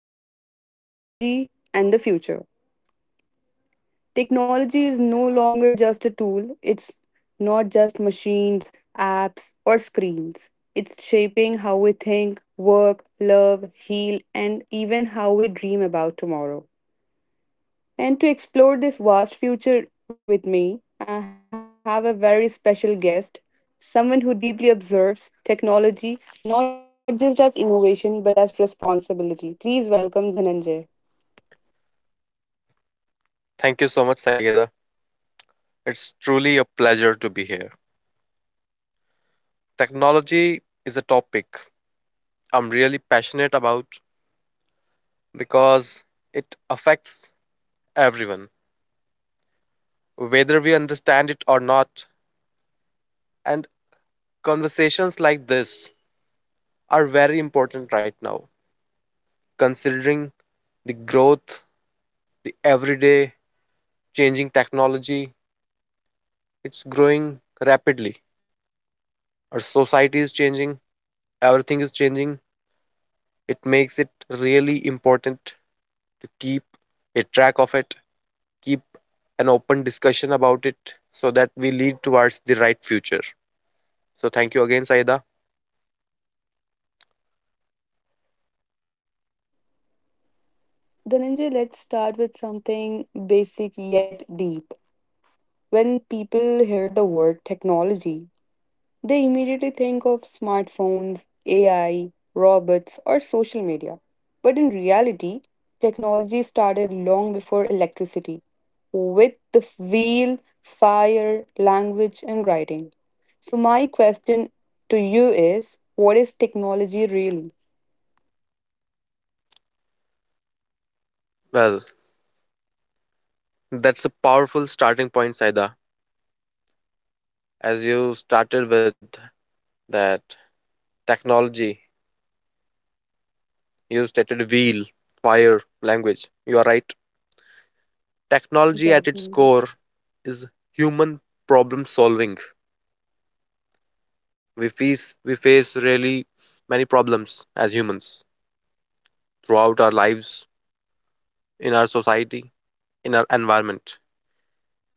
time: technology and the future. Technology is no longer just a tool, it's not just machines, apps, or screens. It's shaping how we think, work, love, heal, and even how we dream about tomorrow. And to explore this vast future with me, I have a very special guest, someone who deeply observes technology not just as innovation but as responsibility. Please welcome Dhananjay. Thank you so much, Sayeda. It's truly a pleasure to be here. Technology is a topic I'm really passionate about because it affects everyone, whether we understand it or not. And conversations like this are very important right now, considering the growth, the everyday changing technology. It's growing rapidly. Our society is changing, everything is changing. It makes it really important to keep a track of it, keep an open discussion about it so that we lead towards the right future. So, thank you again, Saida. Dhananjay, let's start with something basic yet deep. When people hear the word technology, they immediately think of smartphones, AI, robots, or social media. But in reality, technology started long before electricity with the wheel, fire, language, and writing. So, my question to you is, what is technology really? Well, that's a powerful starting point, Saida. As you started with that technology, you stated wheel, fire, language. You are right. Technology Yeah, at its Bindu. core is human problem solving. We face really many problems as humans throughout our lives, in our society, in our environment.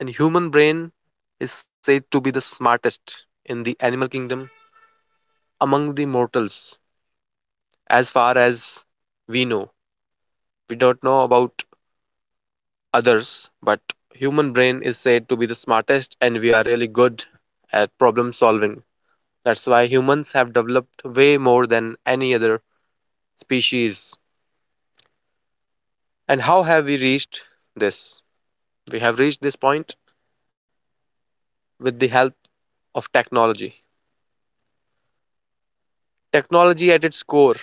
And human brain is said to be the smartest in the animal kingdom among the mortals. As far as we know, we don't know about others, but human brain is said to be the smartest, and we are really good at problem solving. That's why humans have developed way more than any other species. And how have we reached this? We have reached this point with the help of technology. Technology at its core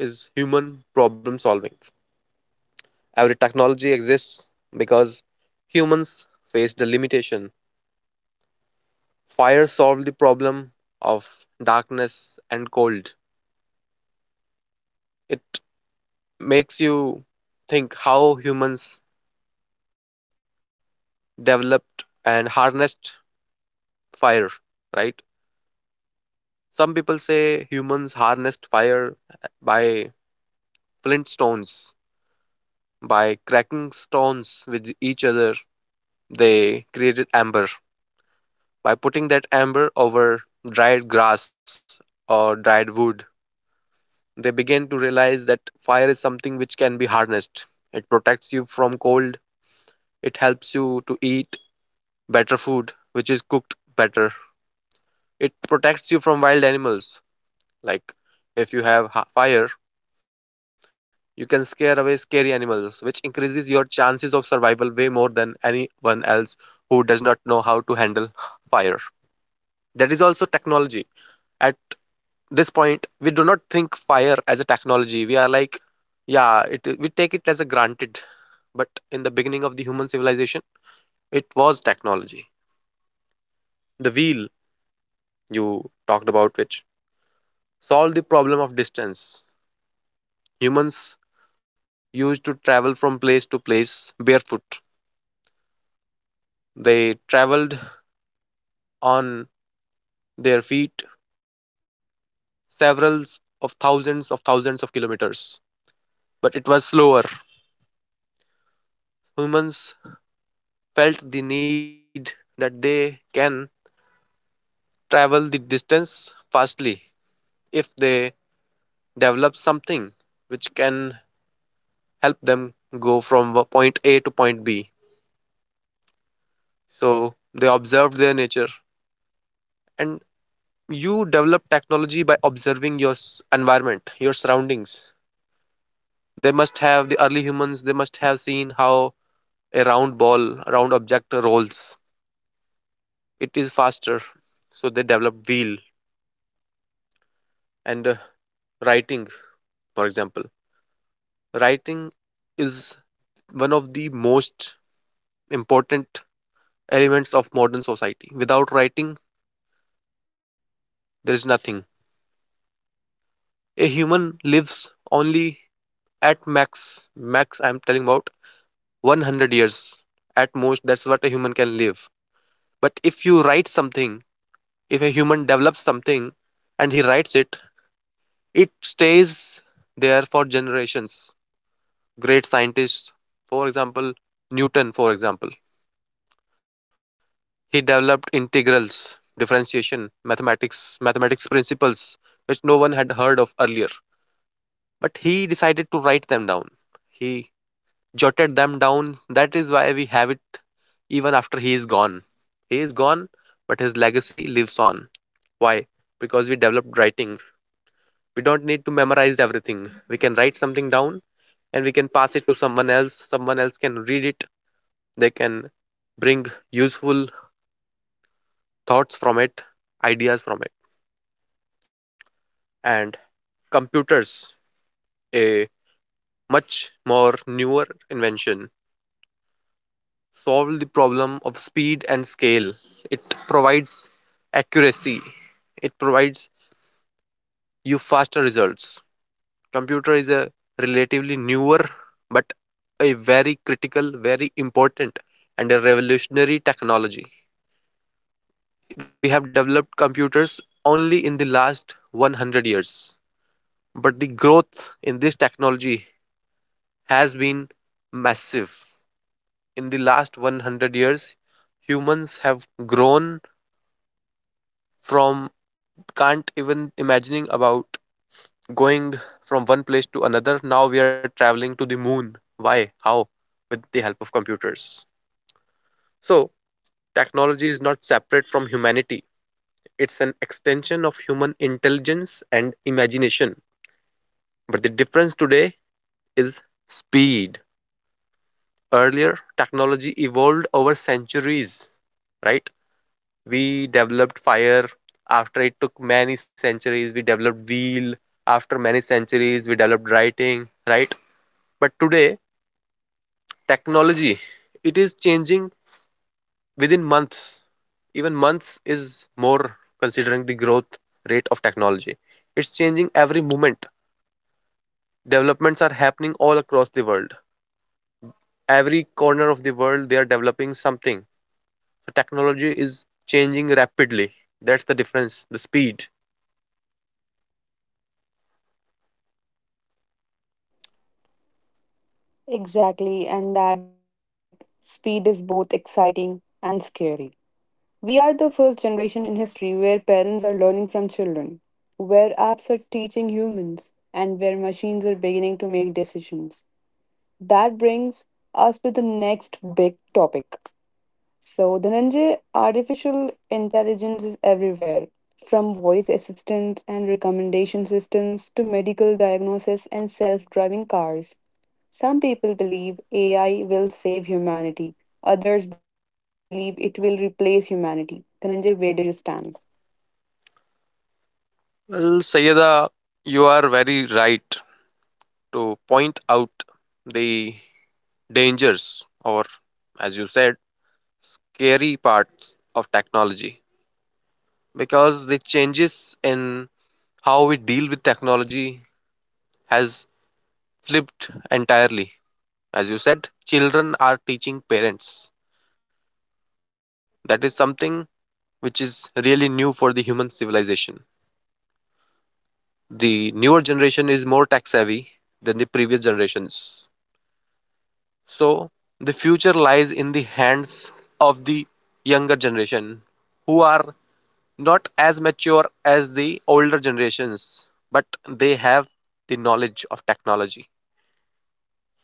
is human problem solving. Every technology exists because humans faced a limitation. Fire solved the problem of darkness and cold. It makes you think how humans developed and harnessed fire, right? Some people say humans harnessed fire by flint stones. By cracking stones with each other, they created amber. By putting that amber over dried grass or dried wood, they began to realize that fire is something which can be harnessed. It protects you from cold, it helps you to eat better food, which is cooked better, it protects you from wild animals. Like if you have fire, you can scare away scary animals, which increases your chances of survival way more than anyone else who does not know how to handle fire. That is also technology. At this point, we do not think fire as a technology. We are like, yeah, it we take it as a granted. But in the beginning of the human civilization, it was technology. The wheel you talked about, which solved the problem of distance. Humans used to travel from place to place barefoot. They traveled on their feet several of thousands of thousands of kilometers. But it was slower. Humans felt the need that they can travel the distance fastly if they develop something which can help them go from point A to point B. So they observed their nature, and you develop technology by observing your environment, your surroundings. They must have the early humans, they must have seen how a round ball, round object rolls. It is faster, so they develop wheel and writing, for example. Writing is one of the most important elements of modern society. Without writing, there is nothing. A human lives only at max, max I am telling about 100 years. At most, that's what a human can live. But if you write something, if a human develops something and he writes it, it stays there for generations. Great scientists, for example, Newton, for example, he developed integrals, differentiation, mathematics principles, which no one had heard of earlier. But he decided to write them down. He jotted them down. That is why we have it even after he is gone. He is gone, but his legacy lives on. Why? Because we developed writing. We don't need to memorize everything. We can write something down, and we can pass it to someone else. Someone else can read it, they can bring useful thoughts from it, ideas from it. And computers, a much more newer invention, solve the problem of speed and scale. It provides accuracy, it provides you faster results. Computer is a relatively newer but a very critical, very important, and a revolutionary technology. We have developed computers only in the last 100 years, but the growth in this technology has been massive. In the last 100 years, humans have grown from can't even imagining about going from one place to another. Now we are traveling to the moon. Why? How? With the help of computers. So, technology is not separate from humanity. It's an extension of human intelligence and imagination. But the difference today is speed. Earlier, technology evolved over centuries, right? We developed fire after it took many centuries. We developed wheel after many centuries. We developed writing, right? But today, technology, it is changing within months. Even months is more considering the growth rate of technology. It's changing every moment. Developments are happening all across the world, every corner of the world they are developing something. So technology is changing rapidly. That's the difference, the speed. Exactly. And that speed is both exciting and scary. We are the first generation in history where parents are learning from children, where apps are teaching humans, and where machines are beginning to make decisions. That brings us to the next big topic. So, Dhananjay, artificial intelligence is everywhere, from voice assistants and recommendation systems to medical diagnosis and self driving cars. Some people believe AI will save humanity, others believe it will replace humanity. Dhananjay, where do you stand? Well, Sayyada, you are very right to point out the dangers, or as you said, scary parts of technology, because the changes in how we deal with technology has flipped entirely. As you said, children are teaching parents. That is something which is really new for the human civilization. The newer generation is more tech savvy than the previous generations. So, the future lies in the hands of the younger generation, who are not as mature as the older generations, but they have the knowledge of technology.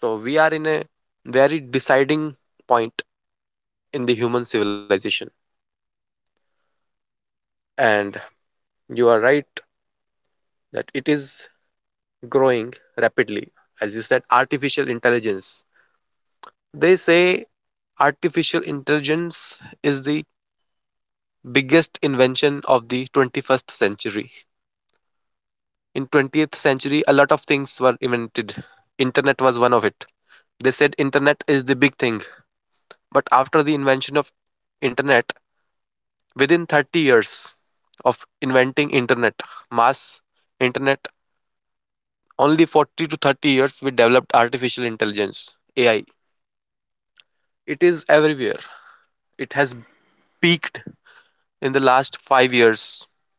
So, we are in a very deciding point in the human civilization. And you are right that it is growing rapidly. As you said, artificial intelligence. They say artificial intelligence is the biggest invention of the 21st century. In 20th century, a lot of things were invented. Internet was one of it. They said internet is the big thing. But after the invention of internet, within 30 years of inventing internet, mass internet, only 40 to 30 years we developed artificial intelligence, AI. It is everywhere, it has peaked in the last 5 years.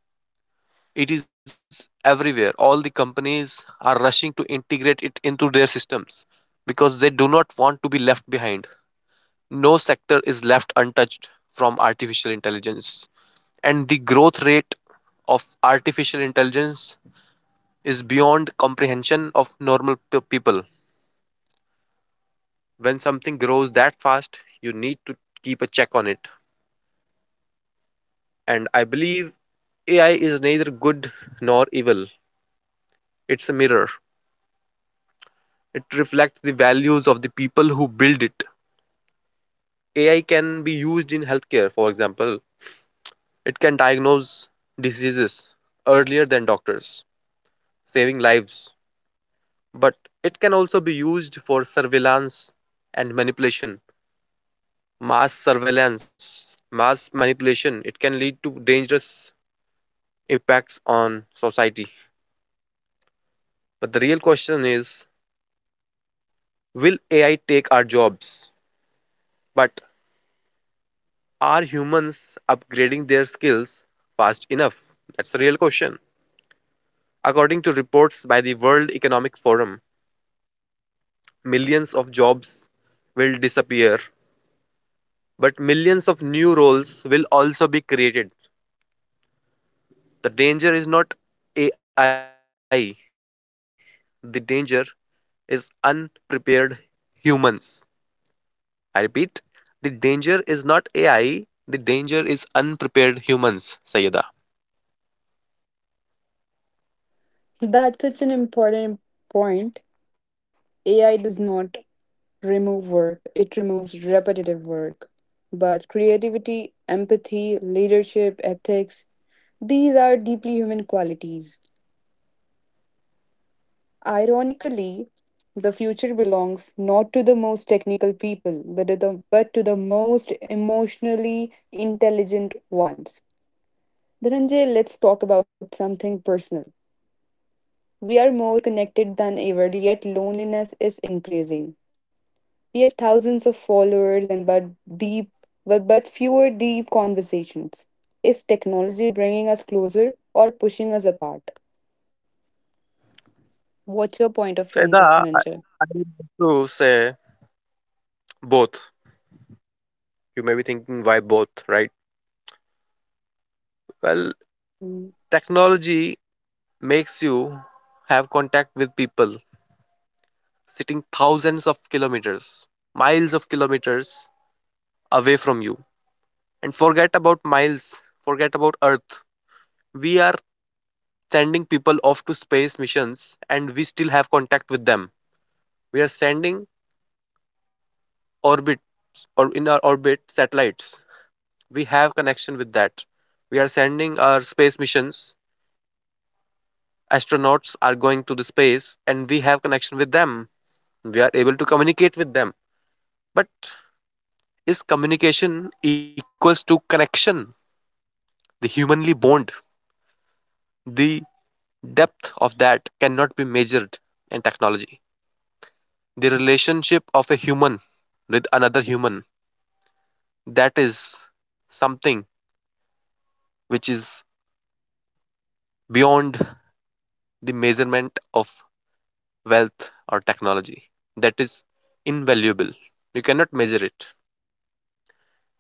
It is everywhere, all the companies are rushing to integrate it into their systems, because they do not want to be left behind. No sector is left untouched from artificial intelligence. And the growth rate of artificial intelligence is beyond comprehension of normal people. When something grows that fast, you need to keep a check on it. And I believe AI is neither good nor evil. It's a mirror. It reflects the values of the people who build it. AI can be used in healthcare, for example. It can diagnose diseases earlier than doctors, saving lives. But it can also be used for surveillance and manipulation. Mass surveillance, mass manipulation, it can lead to dangerous impacts on society. But the real question is, will AI take our jobs? But Are humans upgrading their skills fast enough? That's the real question. According to reports by the World Economic Forum, millions of jobs will disappear, but millions of new roles will also be created. The danger is not AI, the danger is unprepared humans. I repeat, the danger is not AI, the danger is unprepared humans, Sayeda. That's such an important point. AI does not remove work, it removes repetitive work. But creativity, empathy, leadership, ethics, these are deeply human qualities. Ironically, the future belongs not to the most technical people, but to the most emotionally intelligent ones. Dhananjay, let's talk about something personal. We are more connected than ever, yet loneliness is increasing. We have thousands of followers and deep but fewer deep conversations. Is technology bringing us closer or pushing us apart? What's your point of view on this, Sayeda, I Dhananjay? I would like to say both. You may be thinking, why both, right? Well, Mm. technology makes you have contact with people sitting thousands of kilometers, miles of kilometers away from you. And forget about miles, forget about Earth. We are sending people off to space missions and we still have contact with them. We are sending orbit, or in our orbit satellites. We have connection with that. We are sending our space missions, astronauts are going to the space and we have connection with them. We are able to communicate with them. But is communication equals to connection? The humanly bond, the depth of that cannot be measured in technology. The relationship of a human with another human, that is something which is beyond the measurement of wealth or technology. That is invaluable, you cannot measure it.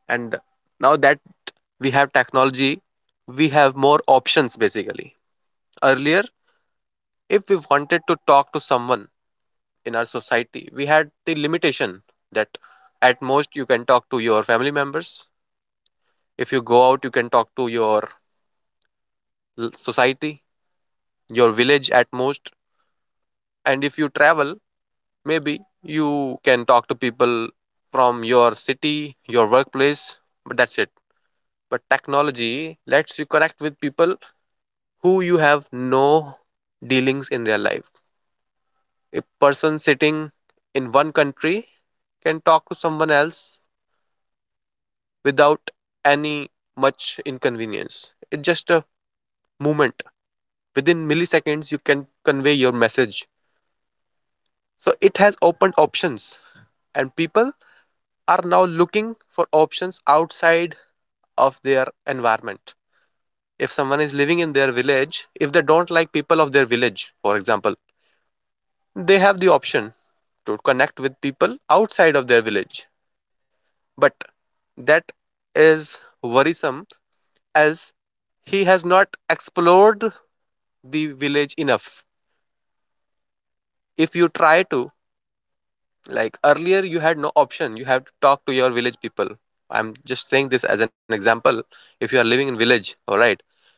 And now that we have technology, we have more options basically. Earlier, if we wanted to talk to someone in our society, we had the limitation that at most you can talk to your family members. If you go out, you can talk to your society, your village at most. And if you travel, maybe you can talk to people from your city, your workplace, but that's it. But technology lets you connect with people who you have no dealings in real life. A person sitting in one country can talk to someone else without any much inconvenience. It's just a movement, within milliseconds you can convey your message. So it has opened options, and people are now looking for options outside of their environment. If someone is living in their village, if they don't like people of their village, for example, they have the option to connect with people outside of their village. But that is worrisome, as he has not explored the village enough. If you try to, like earlier, you had no option. You have to talk to your village people. I'm just saying this as an example. If you are living in village, all right,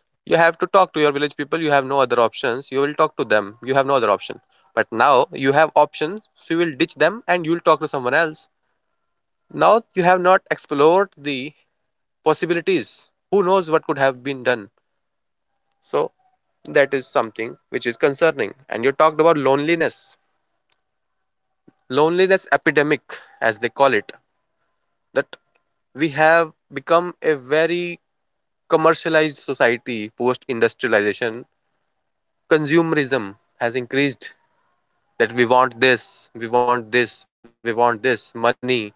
you have to talk to your village people. You have no other options. You will talk to them. You have no other option. But now you have options, so you will ditch them and you will talk to someone else. Now you have not explored the possibilities. Who knows what could have been done? So that is something which is concerning, and you talked about loneliness loneliness epidemic, as they call it, that we have become a very commercialized society post industrialization. Consumerism has increased, that we want this, we want this, we want this, money,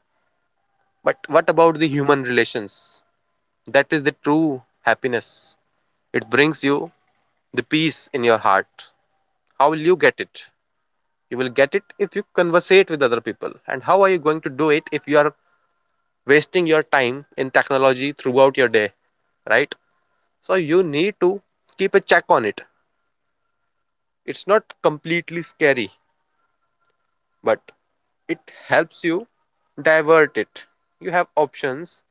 but what about the human relations? That is the true happiness. It brings you the peace in your heart. How will you get it? You will get it if you conversate with other people. And how are you going to do it if you are wasting your time in technology throughout your day, right? So you need to keep a check on it. It's not completely scary, but it helps you divert it. You have options,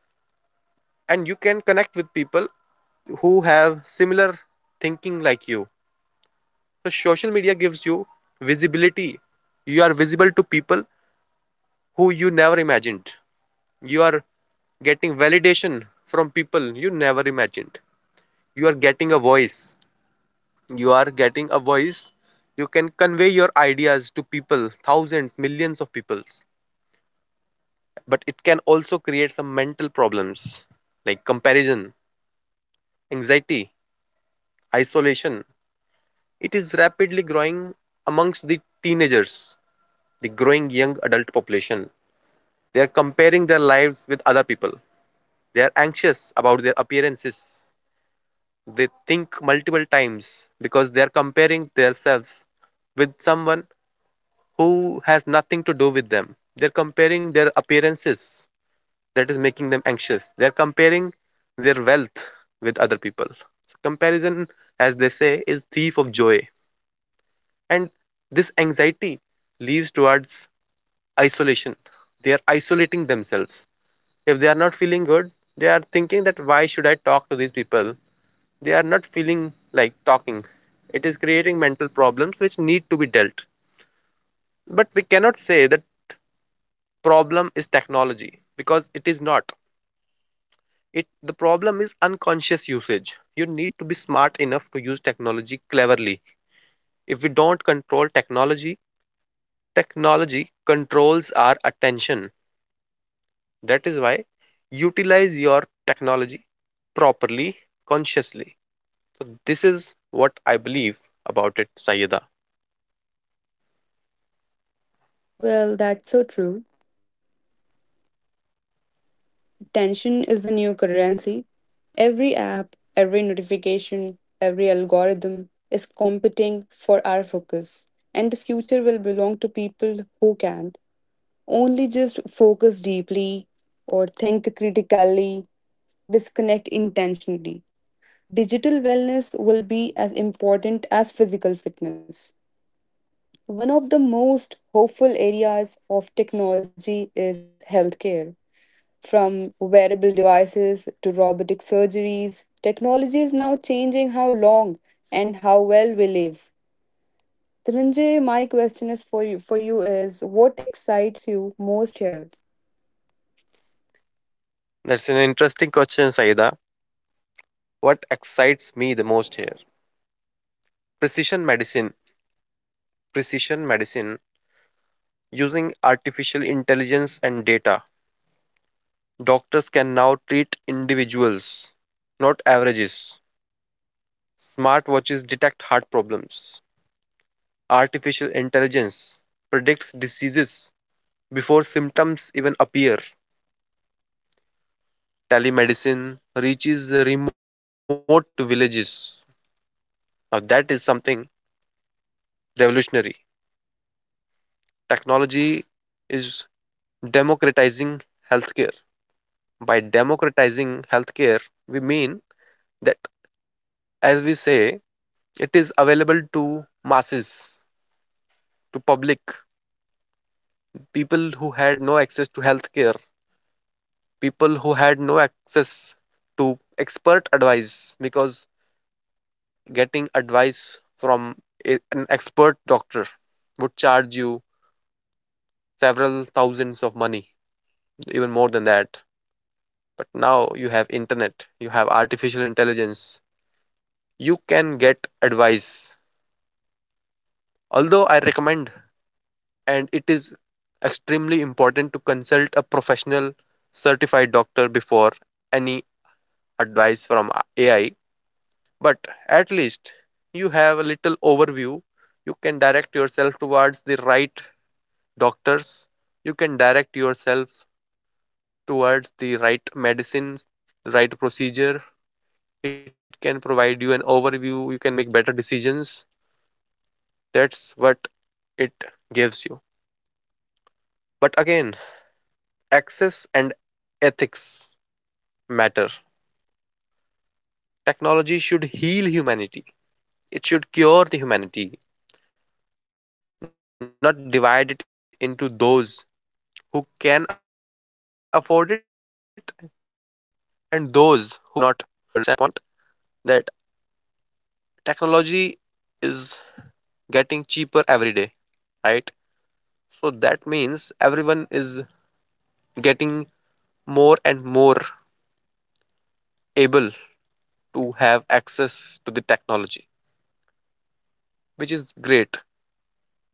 and you can connect with people who have similar thinking like you. So social media gives you visibility. You are visible to people who you never imagined. You are getting validation from people you never imagined. You are getting a voice. You are getting a voice. You can convey your ideas to people, thousands, millions of people. But it can also create some mental problems like comparison, anxiety, isolation. It is rapidly growing amongst the teenagers, the growing young adult population. They are comparing their lives with other people. They are anxious about their appearances. They think multiple times because they are comparing themselves with someone who has nothing to do with them. They're comparing their appearances, that is making them anxious. They're comparing their wealth with other people. So comparison, as they say, is thief of joy. And this anxiety leads towards isolation. They are isolating themselves. If they are not feeling good, they are thinking that why should I talk to these people? They are not feeling like talking. It is creating mental problems which need to be dealt. But we cannot say that problem is technology, because it is not. It The problem is unconscious usage. You need to be smart enough to use technology cleverly. If we don't control technology, technology controls our attention. That is why, utilize your technology properly, consciously. So this is what I believe about it, Sayeda. Well, that's so true. Tension is the new currency. Every app, every notification, every algorithm is competing for our focus. And the future will belong to people who can only just focus deeply or think critically, disconnect intentionally. Digital wellness will be as important as physical fitness. One of the most hopeful areas of technology is healthcare. From wearable devices to robotic surgeries, technology is now changing how long and how well we live. Dhananjay, my question for you is, what excites you most here? That's an interesting question, Sayeda. What excites me the most here? Precision medicine. Precision medicine, using artificial intelligence and data, doctors can now treat individuals, not averages. Smartwatches detect heart problems. Artificial intelligence predicts diseases before symptoms even appear. Telemedicine reaches remote villages. Now that is something revolutionary. Technology is democratizing healthcare. By democratizing healthcare, we mean that, as we say, it is available to masses, to public, people who had no access to healthcare, people who had no access to expert advice, because getting advice from an expert doctor would charge you several thousands of money, even more than that. But now you have internet, you have artificial intelligence, you can get advice, although I recommend, and it is extremely important to consult a professional certified doctor before any advice from AI. But at least you have a little overview. You can direct yourself towards the right doctors. You can direct yourself towards the right medicines, right procedure. It can provide you an overview. You can make better decisions. That's what it gives you. But again, access and ethics matter. Technology should heal humanity. It should cure the humanity, not divide it into those who can afford it and those who cannot afford it. You understand my point, that technology is getting cheaper every day, right? So that means everyone is getting more and more able to have access to the technology, which is great.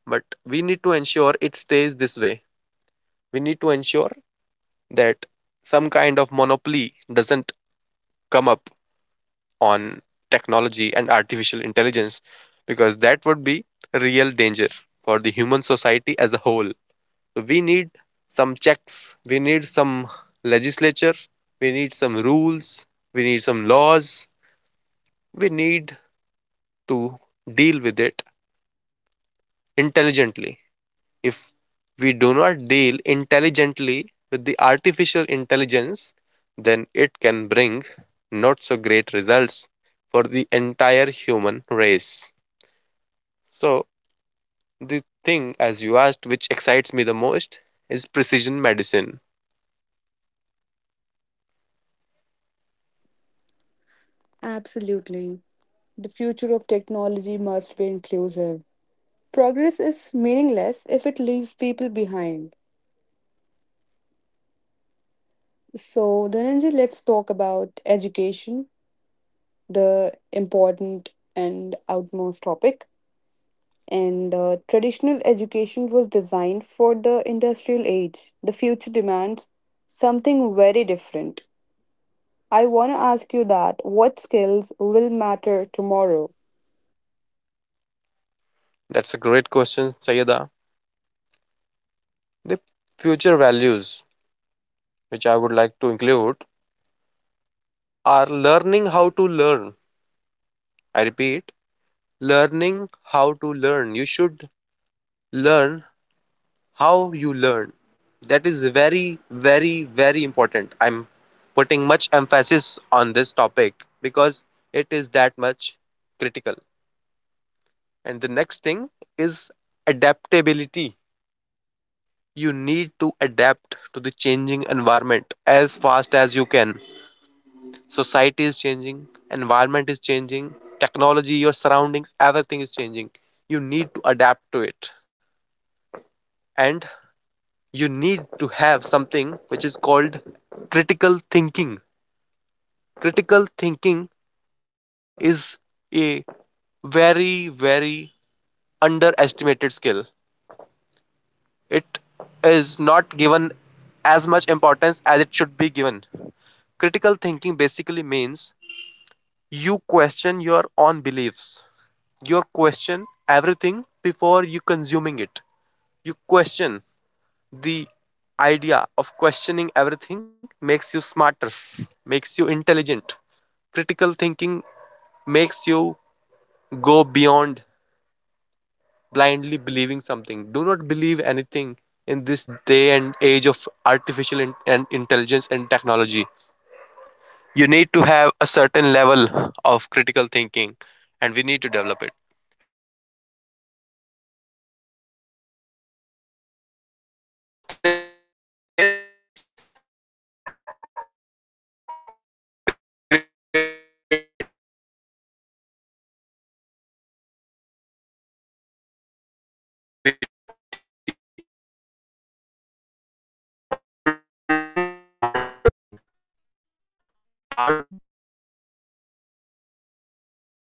But we need to ensure it stays this way. We need to ensure that some kind of monopoly doesn't come up on technology and artificial intelligence, because that would be real danger for the human society as a whole. So we need some checks, we need some legislature, we need some rules, we need some laws, we need to deal with it intelligently. If we do not deal intelligently with the artificial intelligence, then it can bring not so great results for the entire human race. So, the thing, as you asked, which excites me the most is precision medicine. Absolutely. The future of technology must be inclusive. Progress is meaningless if it leaves people behind. So, Dhananjay, let's talk about education, the important and outmost topic. And Traditional education was designed for the industrial age. The future demands something very different. I want to ask you that what skills will matter tomorrow? That's a great question, Sayada. The future values, which I would like to include, are learning how to learn. I repeat, learning how to learn. You should learn how you learn. That is very, very, very important. I'm putting much emphasis on this topic because it is that much critical. And the next thing is adaptability. You need to adapt to the changing environment as fast as you can. Society is changing, environment is changing, technology, your surroundings, everything is changing. You need to adapt to it. And you need to have something which is called critical thinking. Critical thinking is a very, very underestimated skill. It is not given as much importance as it should be given. Critical thinking basically means you question your own beliefs, you question everything before you consuming it. You question the idea of questioning everything makes you smarter, makes you intelligent. Critical thinking makes you go beyond blindly believing something. Do not believe anything in this day and age of artificial and intelligence and technology. You need to have a certain level of critical thinking, and we need to develop it. And the next thing is creativity. Humans are developing, but are they developing their creativity? That's the question. We need to develop our creativity. And last but not the least, I would say ethics, because technology and AI will be in hands of people.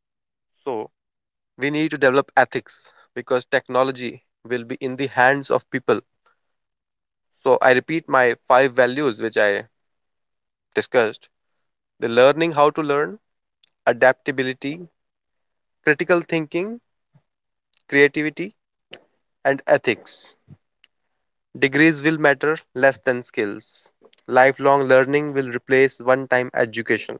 So we need to develop ethics because technology will be in the hands of people. So I repeat my 5 values which I discussed. The learning how to learn, adaptability, critical thinking, creativity, and ethics. Degrees will matter less than skills. Lifelong learning will replace one time education.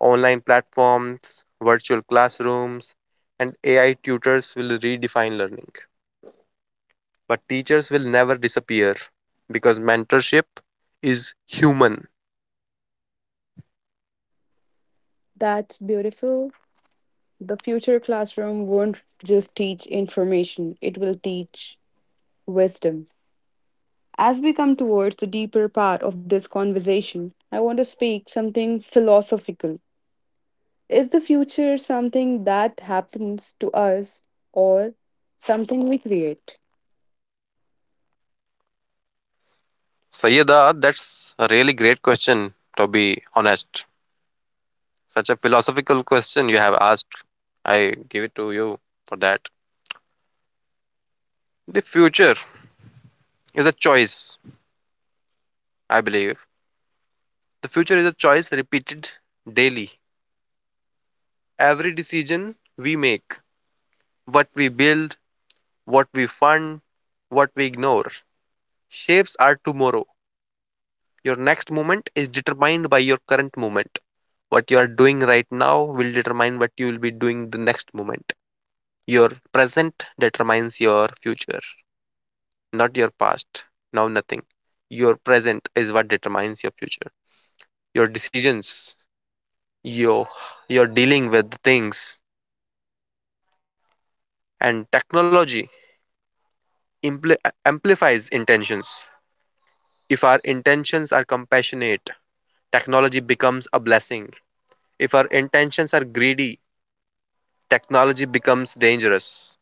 Online platforms, virtual classrooms, and AI tutors will redefine learning. But teachers will never disappear because mentorship is human. That's beautiful. The future classroom won't just teach information, it will teach wisdom. As we come towards the deeper part of this conversation, I want to speak something philosophical. Is the future something that happens to us, or something we create? Sayyada, that's a really great question, to be honest. Such a philosophical question you have asked. I give it to you for that. The future is a choice. I believe the future is a choice repeated daily. Every decision we make, what we build, what we fund, what we ignore, shapes our tomorrow. Your next moment is determined by your current moment. What you are doing right now will determine what you will be doing the next moment. Your present determines your future, not your past. Now, nothing. Your present is what determines your future. Your decisions, your, your dealing with things and technology impli- amplifies intentions. If our intentions are compassionate, technology becomes a blessing. If our intentions are greedy, technology becomes dangerous.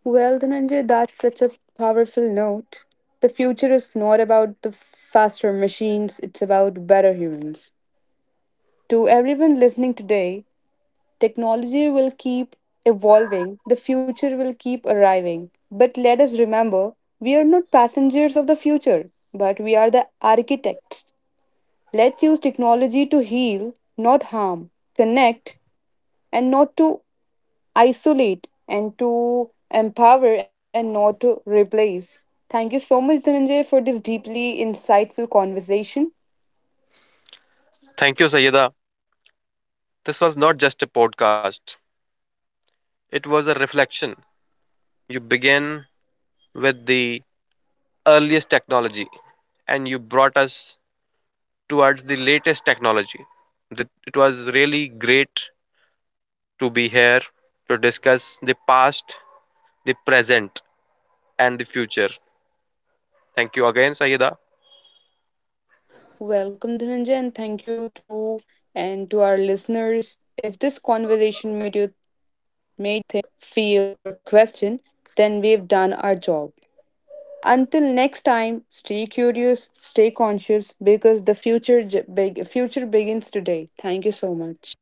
Well, Dhananjay, that's such a powerful note. The future is not about the faster machines, it's about better humans. To everyone listening today, technology will keep evolving, the future will keep arriving. But let us remember, we are not passengers of the future, but we are the architects. Let's use technology to heal, not harm, connect, and not to isolate, and to empower and not to replace. Thank you so much, Dhananjay, for this deeply insightful conversation. Thank you, Sayyida. This was not just a podcast, it was a reflection. You began with the earliest technology and you brought us towards the latest technology. It was really great to be here to discuss the past, the present, and the future. Thank you again, Sayeda. Welcome, Dhananjay, and thank you to and to our listeners. If this conversation made you think, feel, or question, then we've done our job. Until next time, stay curious, stay conscious, because the big future begins today. Thank you so much.